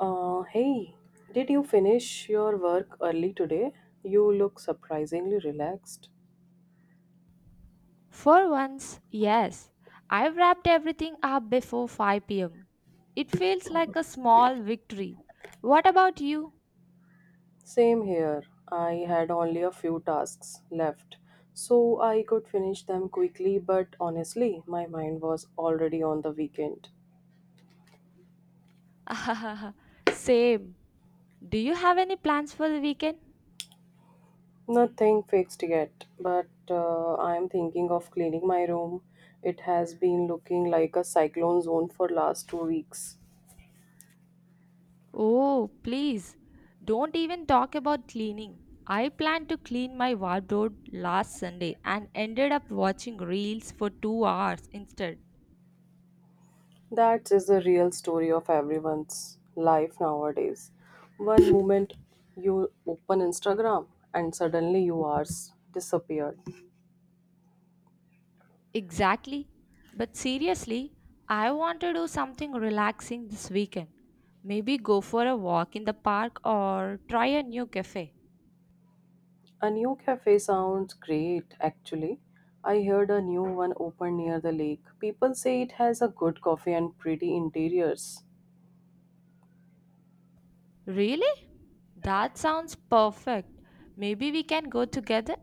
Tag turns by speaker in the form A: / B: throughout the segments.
A: Hey, did you finish your work early today? You look surprisingly relaxed.
B: For once, yes, I wrapped everything up before 5 pm. It feels like a small victory. What about you?
A: Same here. I had only a few tasks left, so I could finish them quickly, but honestly, my mind was already on the weekend.
B: Same. Do you have any plans for the weekend?
A: Nothing fixed yet, but I'm thinking of cleaning my room. It has been looking like a cyclone zone for last 2 weeks.
B: Oh, please. Don't even talk about cleaning. I planned to clean my wardrobe last Sunday and ended up watching reels for 2 hours instead.
A: That is the real story of everyone's life nowadays. One moment you open Instagram and suddenly you are disappeared.
B: Exactly. But seriously, I want to do something relaxing this weekend. Maybe go for a walk in the park or try a new cafe.
A: A new cafe sounds great actually. I heard a new one opened near the lake. People say it has a good coffee and pretty interiors.
B: Really? That sounds perfect. Maybe we can go together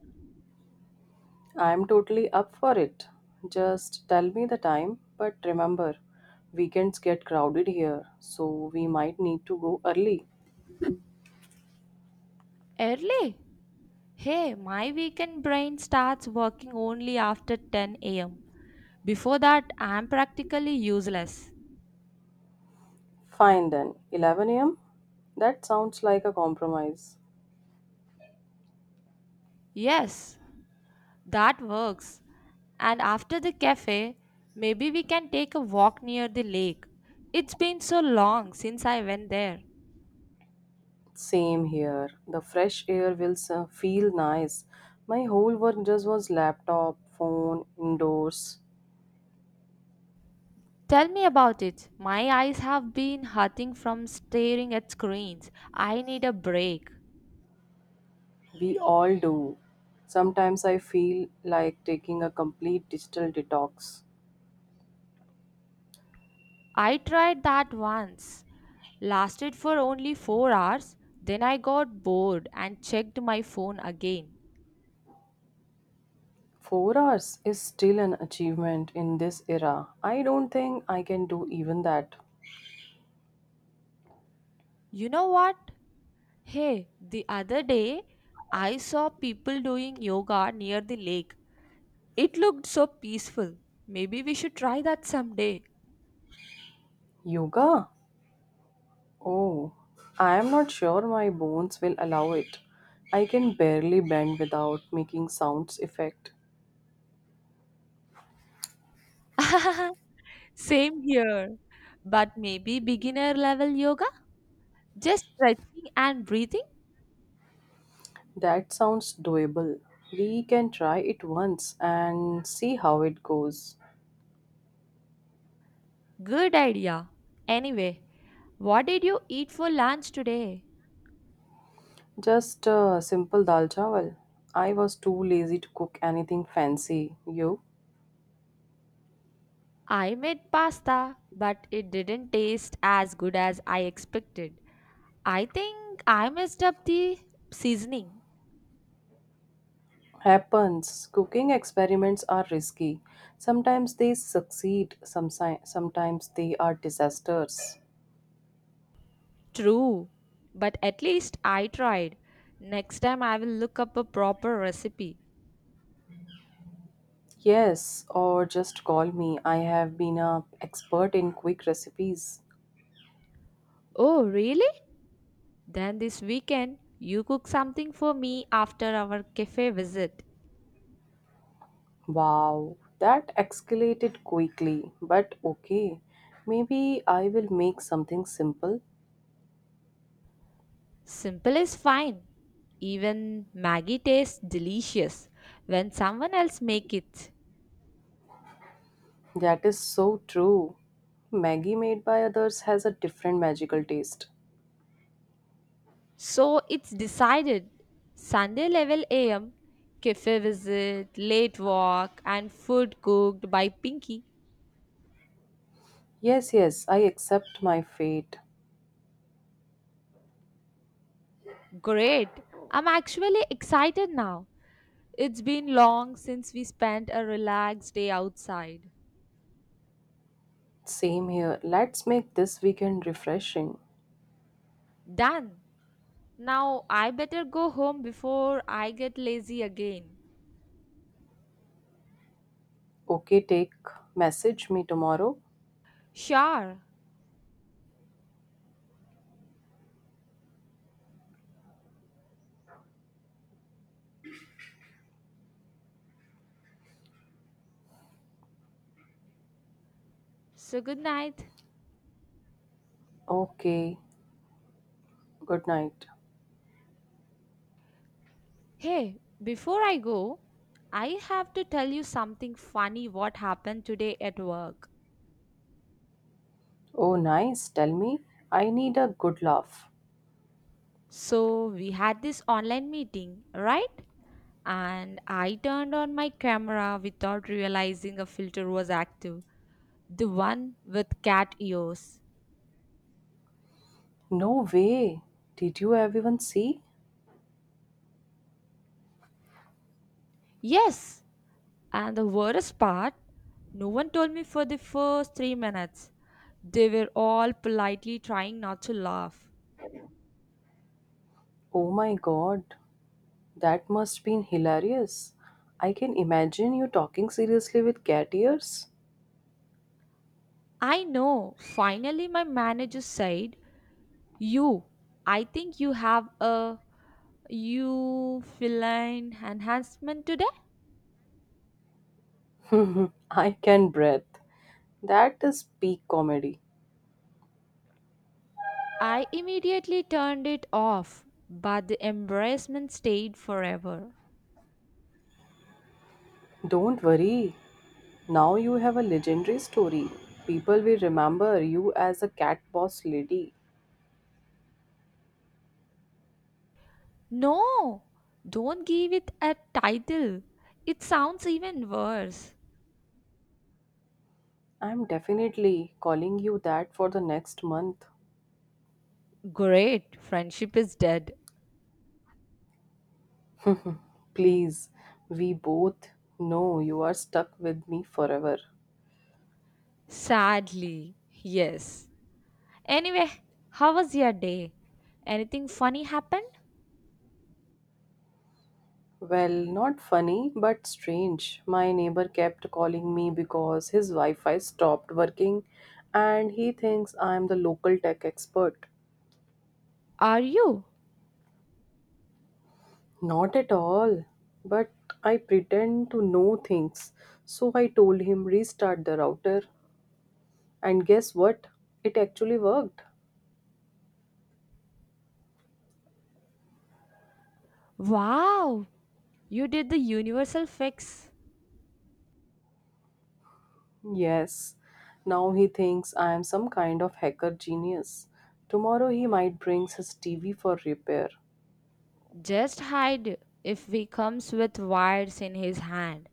A: I am totally up for it. Just tell me the time, but remember, weekends get crowded here, so we might need to go early.
B: early. Hey, my weekend brain starts working only after 10 am. Before that, I'm practically useless.
A: Fine then, 11 a.m.? That sounds like a compromise.
B: Yes, that works. And after the cafe, maybe we can take a walk near the lake. It's been so long since I went there.
A: Same here. The fresh air will feel nice. My whole work just was laptop, phone, indoors.
B: Tell me about it. My eyes have been hurting from staring at screens. I need a break.
A: We all do. Sometimes I feel like taking a complete digital detox.
B: I tried that once. Lasted for only 4 hours. Then I got bored and checked my phone again.
A: 4 hours is still an achievement in this era. I don't think I can do even that.
B: You know what? Hey, the other day I saw people doing yoga near the lake. It looked so peaceful. Maybe we should try that someday.
A: Yoga? Oh, I am not sure my bones will allow it. I can barely bend without making sounds effect.
B: Same here. But maybe beginner level yoga? Just stretching and breathing?
A: That sounds doable. We can try it once and see how it goes.
B: Good idea. Anyway, what did you eat for lunch today?
A: Just simple dal chawal. I was too lazy to cook anything fancy. You?
B: I made pasta, but it didn't taste as good as I expected. I think I messed up the seasoning.
A: Happens. Cooking experiments are risky. Sometimes they succeed, sometimes they are disasters.
B: True, but at least I tried. Next time I will look up a proper recipe.
A: Yes, or just call me. I have been a expert in quick recipes.
B: Oh, really? Then this weekend, you cook something for me after our cafe visit.
A: Wow, that escalated quickly. But okay, maybe I will make something simple.
B: Simple is fine. Even Maggie tastes delicious when someone else make it.
A: That is so true. Maggie made by others has a different magical taste.
B: So it's decided. Sunday level AM, cafe visit, late walk, and food cooked by Pinky.
A: Yes, yes, I accept my fate.
B: Great! I'm actually excited now. It's been long since we spent a relaxed day outside.
A: Same here. Let's make this weekend refreshing.
B: Done! Now I better go home before I get lazy again.
A: Okay, take message me tomorrow.
B: Sure. So good night.
A: Okay. Good night.
B: Hey, before I go, I have to tell you something funny what happened today at work.
A: Oh, nice. Tell me. I need a good laugh.
B: So we had this online meeting, right? And I turned on my camera without realizing a filter was active. The one with cat ears.
A: No way. Did you everyone see?
B: Yes, and the worst part, no one told me for the first 3 minutes. They were all politely trying not to laugh.
A: Oh my god. That must been hilarious. I can imagine you talking seriously with cat ears.
B: I know. Finally, my manager said, "You, I think you have a you feline enhancement today."
A: I can breathe. That is peak comedy.
B: I immediately turned it off, but the embarrassment stayed forever.
A: Don't worry. Now you have a legendary story. People will remember you as a cat boss lady.
B: No, don't give it a title. It sounds even worse.
A: I'm definitely calling you that for the next month.
B: Great, friendship is dead.
A: Please, we both know you are stuck with me forever.
B: Sadly, yes. Anyway, how was your day? Anything funny happened?
A: Well, not funny, but strange. My neighbor kept calling me because his Wi Fi stopped working and he thinks I am the local tech expert.
B: Are you?
A: Not at all, but I pretend to know things. So I told him restart the router. And guess what? It actually worked.
B: Wow, you did the universal fix.
A: Yes, now he thinks I am some kind of hacker genius. Tomorrow he might bring his TV for repair.
B: Just hide if he comes with wires in his hand.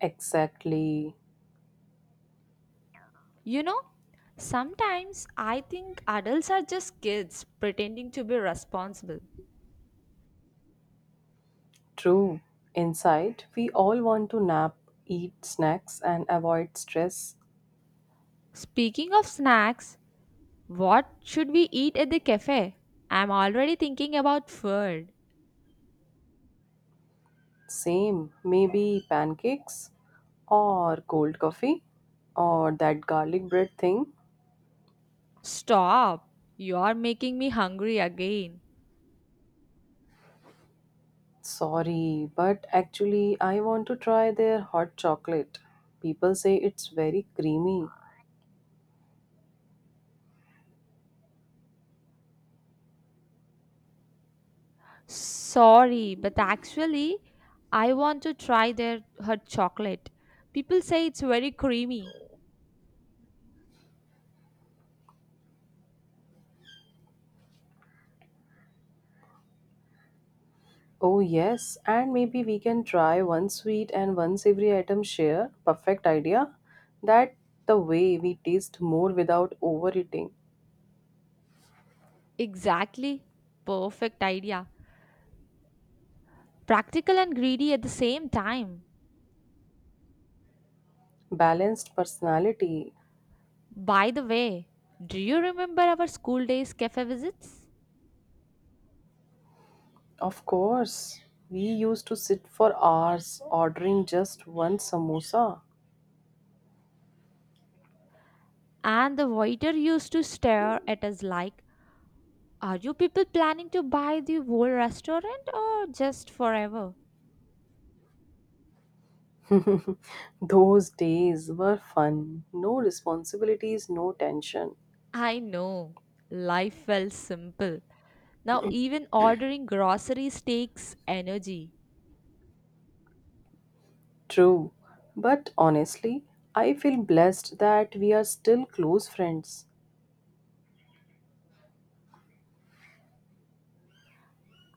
A: Exactly.
B: You know, sometimes I think adults are just kids pretending to be responsible.
A: True. Inside, we all want to nap, eat snacks, and avoid stress.
B: Speaking of snacks, what should we eat at the cafe? I'm already thinking about food.
A: Same. Maybe pancakes, or cold coffee, or that garlic bread thing.
B: Stop. You are making me hungry again.
A: Sorry, but actually, I want to try their hot chocolate. People say it's very creamy.
B: Sorry, but actually, I want to try their her chocolate. People say it's very creamy.
A: Oh, yes, and maybe we can try one sweet and one savory item share. Perfect idea. That the way we taste more without overeating.
B: Exactly. Perfect idea. Practical and greedy at the same time.
A: Balanced personality.
B: By the way, do you remember our school days cafe visits?
A: Of course, we used to sit for hours ordering just one samosa.
B: And the waiter used to stare at us like, "Are you people planning to buy the whole restaurant or just forever?"
A: Those days were fun. No responsibilities, no tension.
B: I know. Life felt simple. Now, even ordering groceries takes energy.
A: True. But honestly, I feel blessed that we are still close friends.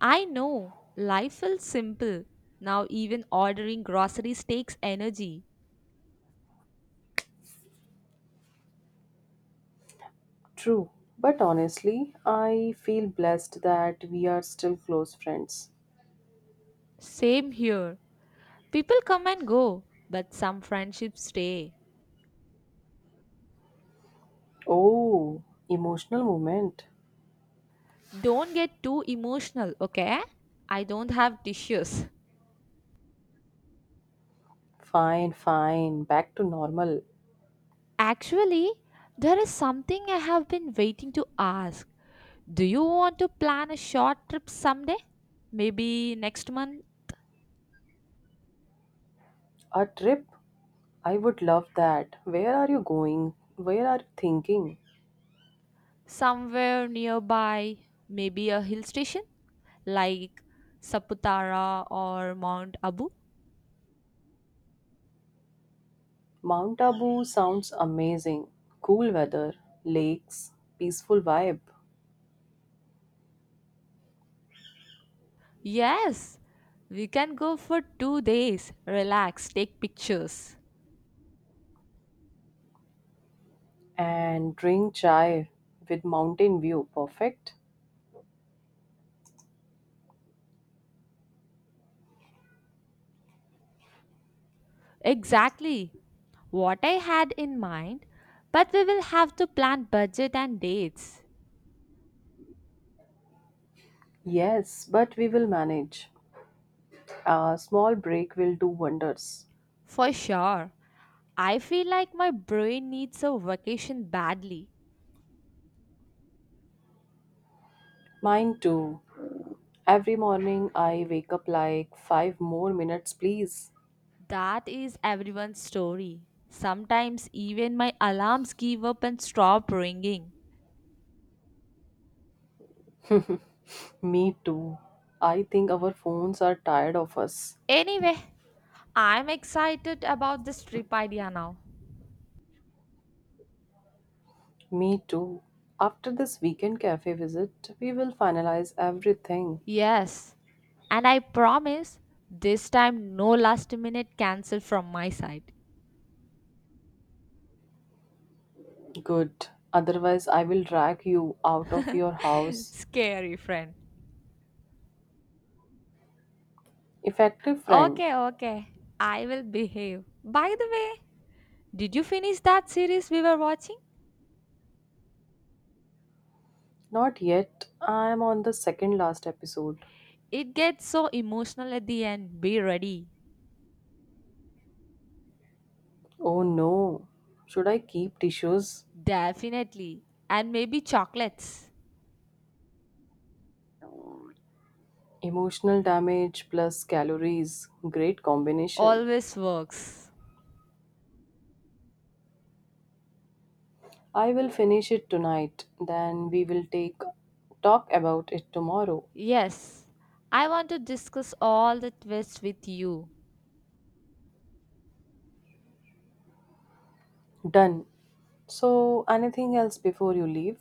B: I know. Life felt simple. Now, even ordering groceries takes energy.
A: True, but honestly, I feel blessed that we are still close friends.
B: Same here. People come and go, but some friendships stay.
A: Oh, emotional moment.
B: Don't get too emotional, okay? I don't have tissues.
A: Fine, fine, back to normal.
B: Actually, there is something I have been waiting to ask. Do you want to plan a short trip someday? Maybe next month.
A: A trip? I would love that. Where are you going? Where are you thinking?
B: Somewhere nearby, maybe a hill station like Saputara or Mount Abu?
A: Mount Abu sounds amazing. Cool weather, lakes, peaceful vibe,
B: Yes, we can go for 2 days, relax, take pictures.
A: and drink chai with mountain view. Perfect.
B: Exactly what I had in mind, but we will have to plan budget and dates.
A: Yes, but we will manage. A small break will do wonders.
B: For sure. I feel like my brain needs a vacation badly.
A: Mine too. Every morning I wake up like five more minutes, please.
B: That is everyone's story. Sometimes even my alarms give up and stop ringing.
A: Me too. I think our phones are tired of us.
B: Anyway, I'm excited about this trip idea now.
A: Me too. After this weekend cafe visit, we will finalize everything.
B: Yes, and I promise this time no last minute cancel from my side.
A: Good. Otherwise, I will drag you out of your house.
B: Scary friend.
A: Effective friend.
B: Okay, okay. I will behave. By the way, did you finish that series we were watching?
A: Not yet. I am on the second last episode.
B: It gets so emotional at the end. Be ready.
A: Oh no. Should I keep tissues?
B: Definitely. And maybe chocolates.
A: Emotional damage plus calories. Great combination.
B: Always works.
A: I will finish it tonight. Then we will take talk about it tomorrow.
B: Yes, I want to discuss all the twists with you.
A: Done. So, anything else before you leave?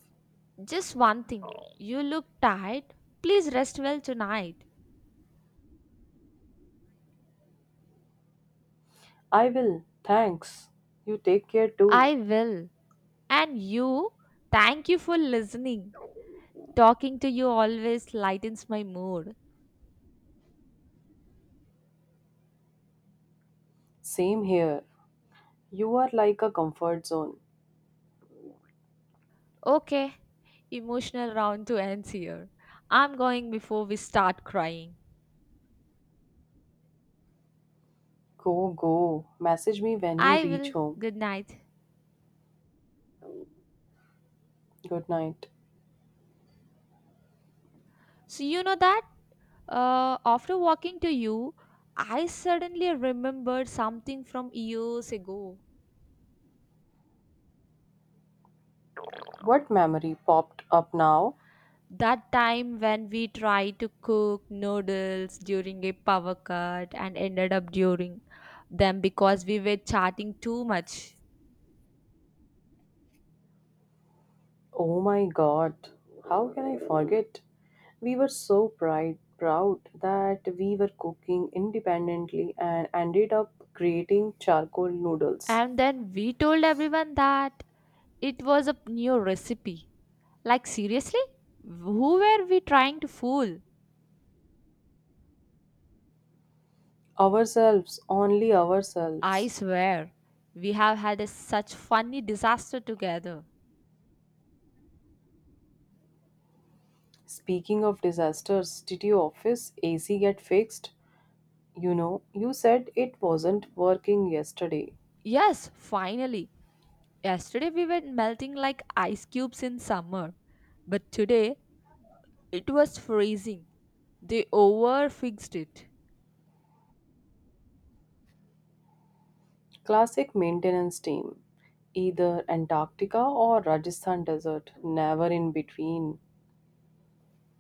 B: Just one thing. You look tired. Please rest well tonight.
A: I will. Thanks. You take care too.
B: I will. And you, thank you for listening. Talking to you always lightens my mood.
A: Same here. You are like a comfort zone.
B: Okay, emotional round to end here. I'm going before we start crying.
A: Go, go. Message me when you
B: I
A: reach
B: will.
A: home.
B: Good night.
A: Good night.
B: So, you know that? After walking to you, I suddenly remembered something from years ago.
A: What memory popped up now?
B: That time when we tried to cook noodles during a power cut and ended up during them because we were chatting too much.
A: Oh my god, how can I forget? We were so pride, proud that we were cooking independently and ended up creating charcoal noodles.
B: And then we told everyone that it was a new recipe. Like, seriously? Who were we trying to fool?
A: Ourselves, only
B: I
A: ourselves.
B: swear, we have had such funny disaster together.
A: Speaking of disasters, did your office AC get fixed? You know, you said it wasn't working yesterday.
B: Yes, finally. Yesterday we were melting like ice cubes in summer, but today it was freezing. They overfixed it.
A: Classic maintenance team. Either Antarctica or Rajasthan desert, never in between.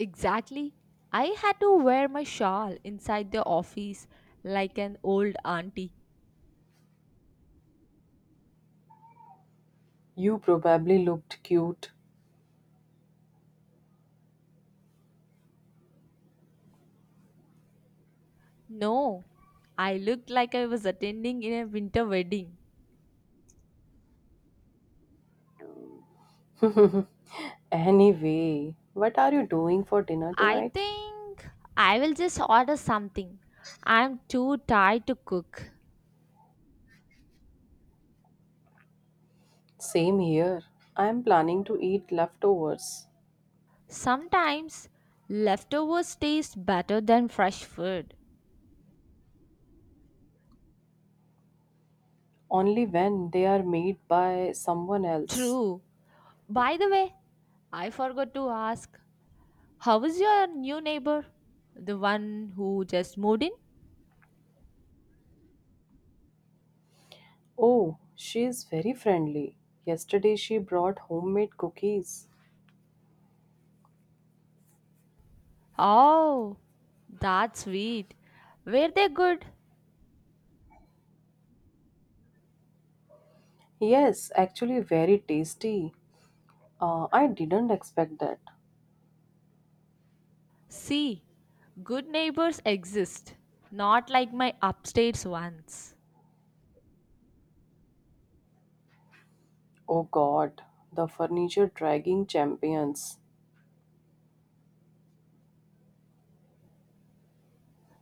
B: Exactly. I had to wear my shawl inside the office like an old auntie.
A: You probably looked cute.
B: No, I looked like I was attending in a winter wedding.
A: Anyway, what are you doing for dinner
B: I
A: tonight?
B: think I will just order something. I'm too tired to cook.
A: Same here. I am planning to eat leftovers
B: Sometimes leftovers taste better than fresh food.
A: only when they are made by someone else.
B: True. By the way, I forgot to ask, how is your new neighbor? The one who just moved in?
A: Oh, she is very friendly. Yesterday she brought homemade cookies.
B: Oh, that's sweet. Were they good?
A: Yes, actually, very tasty. I didn't expect that.
B: See, good neighbors exist, not like my upstairs ones.
A: Oh god, the furniture dragging champions.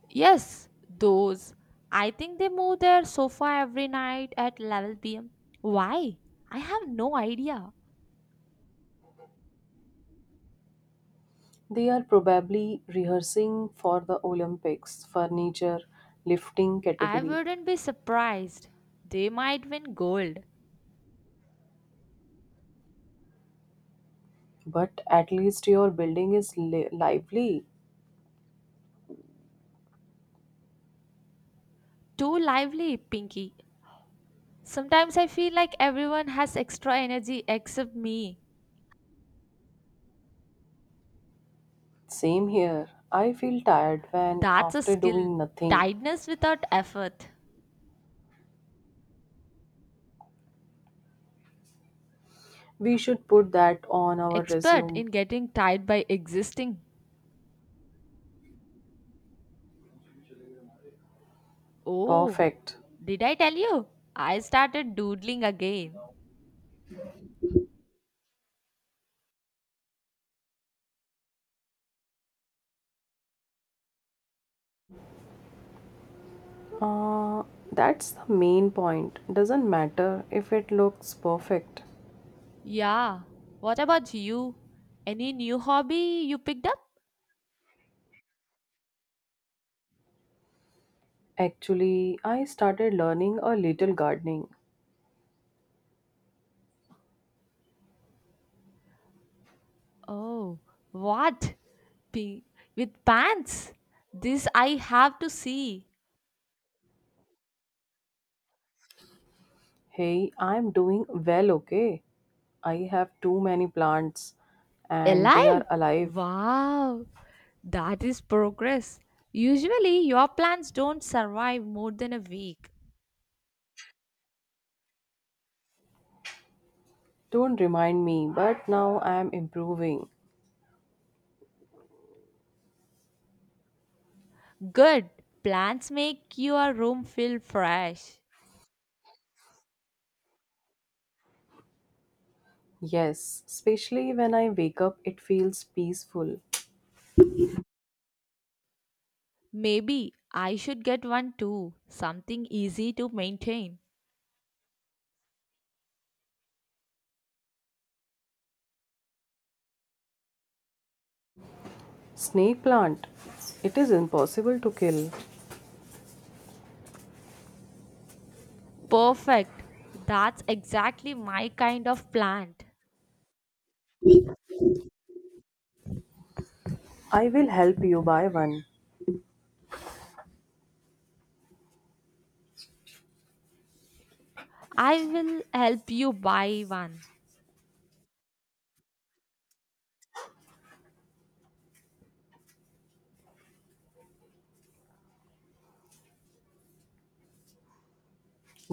B: Yes, those. I think they move their sofa every night at 11 pm. Why? I have no idea.
A: They are probably rehearsing for the Olympics furniture lifting
B: I
A: category.
B: wouldn't be surprised. They might win gold.
A: But at least your building is lively.
B: Too lively, Pinky. Sometimes I feel like everyone has extra energy except me.
A: Same here. I feel tired when
B: That's a
A: after
B: skill.
A: doing nothing.
B: Tiredness without effort.
A: We should put that on our
B: Expert
A: resume.
B: in getting tired by existing. Oh,
A: Perfect.
B: did I tell you? I started doodling again.
A: Uh, that's the main point. Doesn't matter if it looks perfect.
B: Yeah. What about you? Any new hobby you picked up?
A: Actually, I started learning a little gardening.
B: Oh, what? Pi- with pants? This I have to see.
A: Hey, I'm doing well, okay? I have too many plants and they
B: Alive?
A: are alive.
B: Wow. That is progress. Usually, your plants don't survive more than a week.
A: Don't remind me, but now I'm improving.
B: Good. Plants make your room feel fresh.
A: Yes, especially when I wake up, it feels peaceful.
B: Maybe I should get one too. Something easy to maintain.
A: Snake plant, it is impossible to kill.
B: Perfect. That's exactly my kind of plant.
A: I will help you buy one.
B: I will help you buy one.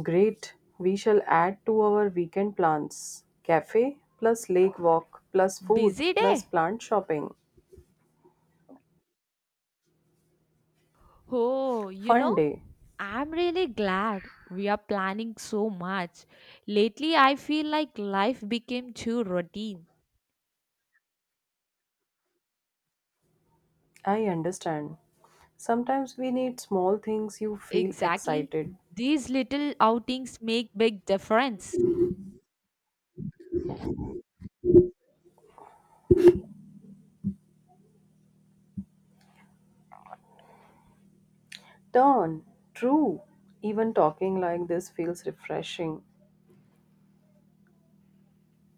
A: Great, we shall add to our weekend plans. Cafe plus lake walk plus food
B: Busy
A: plus
B: day?
A: plant shopping.
B: Oh, you
A: Fun
B: know,
A: day.
B: I'm really glad we are planning so much. Lately, I feel like life became too routine.
A: I understand. Sometimes we need small things you feel
B: Exactly.
A: excited.
B: These little outings make big difference.
A: Turn, true. Even talking like this feels refreshing.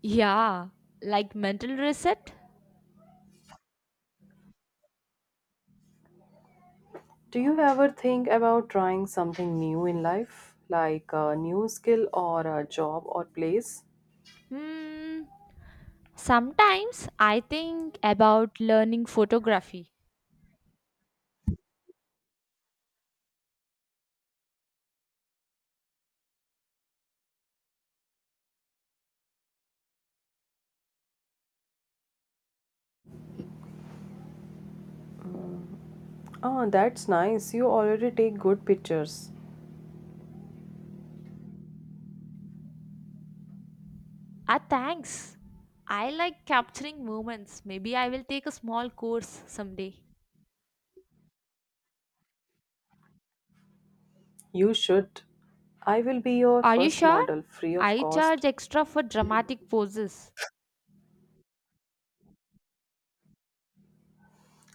B: Yeah, like mental reset?
A: Do you ever think about trying something new in life, like a new skill or a job or place?
B: Hmm. Sometimes I think about learning photography.
A: Oh, that's nice. You already take good pictures.
B: Ah, thanks. I like capturing moments. Maybe I will take a small course someday.
A: You should. I will be your
B: Are you
A: first
B: sure?
A: model, free of
B: I
A: cost.
B: charge extra for dramatic poses.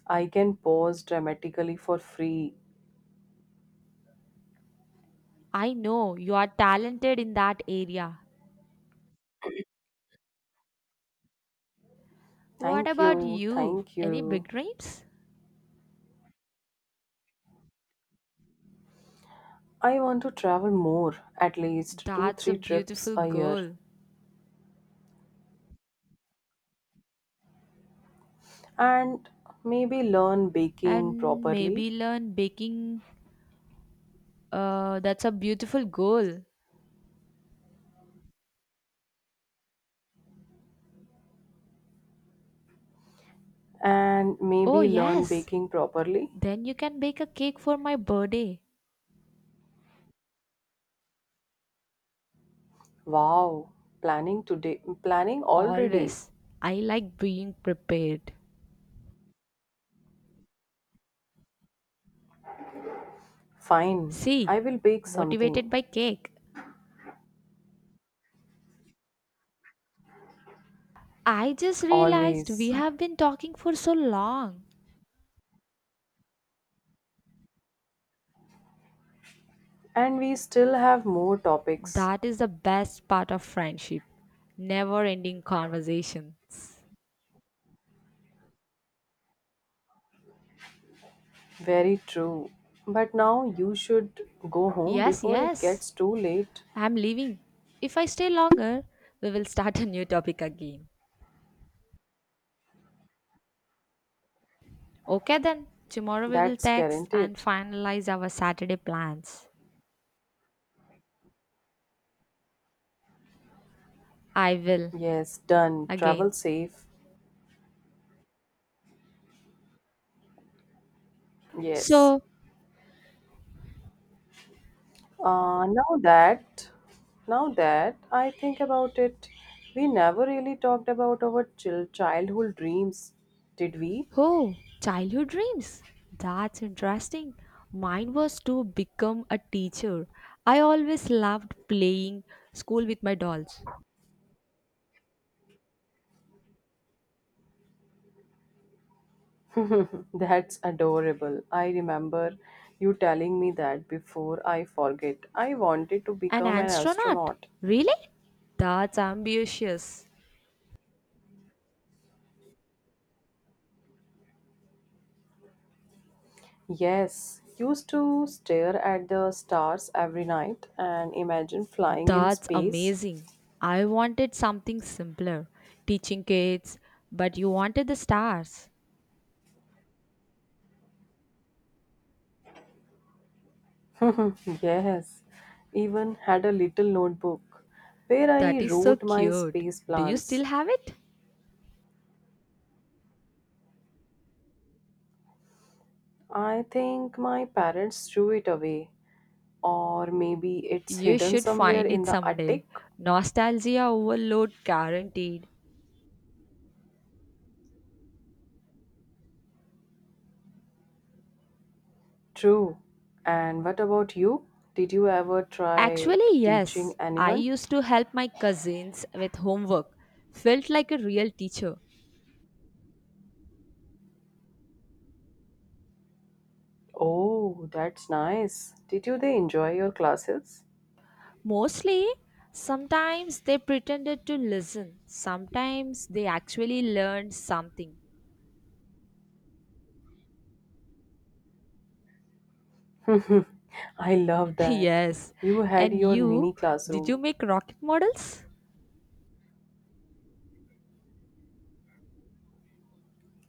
A: I can pose dramatically for free.
B: I know you are talented in that area. What
A: Thank
B: about
A: you,
B: you?
A: thank
B: Any
A: you.
B: big dreams?
A: I want to travel more, at least two,
B: That's a
A: three trips
B: beautiful
A: a year,
B: goal.
A: and maybe learn baking
B: And maybe
A: properly.
B: learn baking. That's a beautiful goal.
A: And
B: Oh,
A: maybe learn
B: yes.
A: baking properly.
B: Then you can bake a cake for my birthday.
A: Wow, planning today, planning already.
B: Always. I like being prepared.
A: Fine,
B: See,
A: I will bake something,
B: motivated by cake. I just realized
A: always.
B: we have been talking for so long.
A: And we still have more topics.
B: That is the best part of friendship, never ending conversations.
A: Very true. But now you should go home
B: Yes,
A: before it
B: yes,
A: gets too late.
B: I'm leaving. If I stay longer, we will start a new topic again. Okay, then, tomorrow we will
A: That's
B: text and
A: guaranteed.
B: finalize our Saturday plans. I will
A: Yes, done. Travel
B: again.
A: safe. Yes.
B: So,
A: Now that now that I think about it, we never really talked about our childhood dreams, did we?
B: oh, childhood dreams. That's interesting. Mine was to become a teacher. I always loved playing school with my dolls.
A: That's adorable. I remember you telling me that before I forget. I wanted to
B: An
A: become an
B: astronaut?
A: astronaut.
B: Really? That's ambitious.
A: Yes, used to stare at the stars every night and imagine flying in
B: That's
A: space.
B: amazing. I wanted something simpler, teaching kids, but you wanted the stars.
A: Yes, even had a little notebook where I
B: That is so
A: wrote my
B: cute.
A: space
B: Do you still
A: plans.
B: have it?
A: I think my parents threw it away, or maybe it's
B: You
A: hidden
B: should
A: somewhere
B: find it
A: in the
B: someday.
A: attic.
B: Nostalgia overload guaranteed.
A: True. And what about you? Did you ever try
B: Actually,
A: teaching
B: yes. I
A: anyone?
B: used to help my cousins with homework. Felt like a real teacher.
A: Oh, that's nice. Did you they enjoy your classes?
B: Mostly, sometimes they pretended to listen, sometimes they actually learned something.
A: I love that.
B: Yes,
A: You had
B: and
A: your
B: you,
A: mini
B: did you
A: classroom.
B: make rocket models?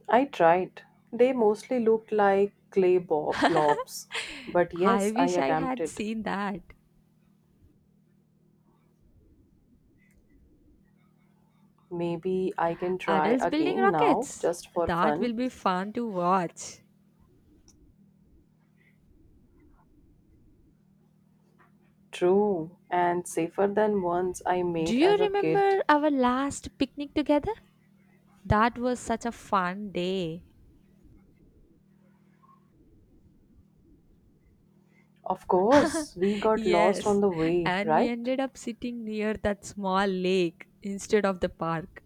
A: I tried. They mostly looked like clay blobs. But
B: I
A: yes, I
B: wish I had
A: attempted.
B: seen that.
A: Maybe I can try
B: Adults building
A: again now
B: rockets.
A: just for
B: That will
A: fun.
B: be fun to watch.
A: True, and safer than ones I
B: Do
A: made
B: you
A: as a kid.
B: remember our last picnic together? That was such a fun day.
A: Of course, we got lost on
B: Yes,
A: the way,
B: and we
A: right?
B: ended up sitting near that small lake instead of the park.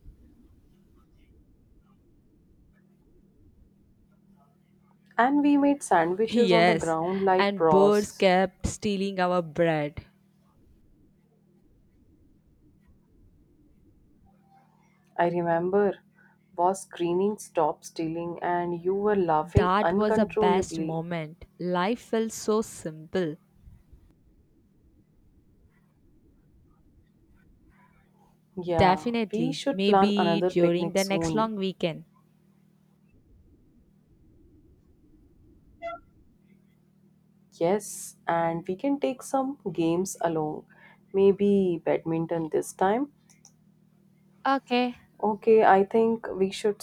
A: And we made sandwiches on the
B: Yes,
A: ground like
B: and birds
A: pros.
B: kept stealing our bread.
A: I remember was screaming stop stealing and you were laughing
B: That was the best
A: uncontrollably.
B: moment. Life felt so simple.
A: Yeah, we
B: Definitely,
A: should plan
B: maybe
A: another
B: during
A: picnic
B: the next
A: soon.
B: long weekend.
A: Yes, and we can take some games along. Maybe badminton this time.
B: Okay,
A: Okay, I think we should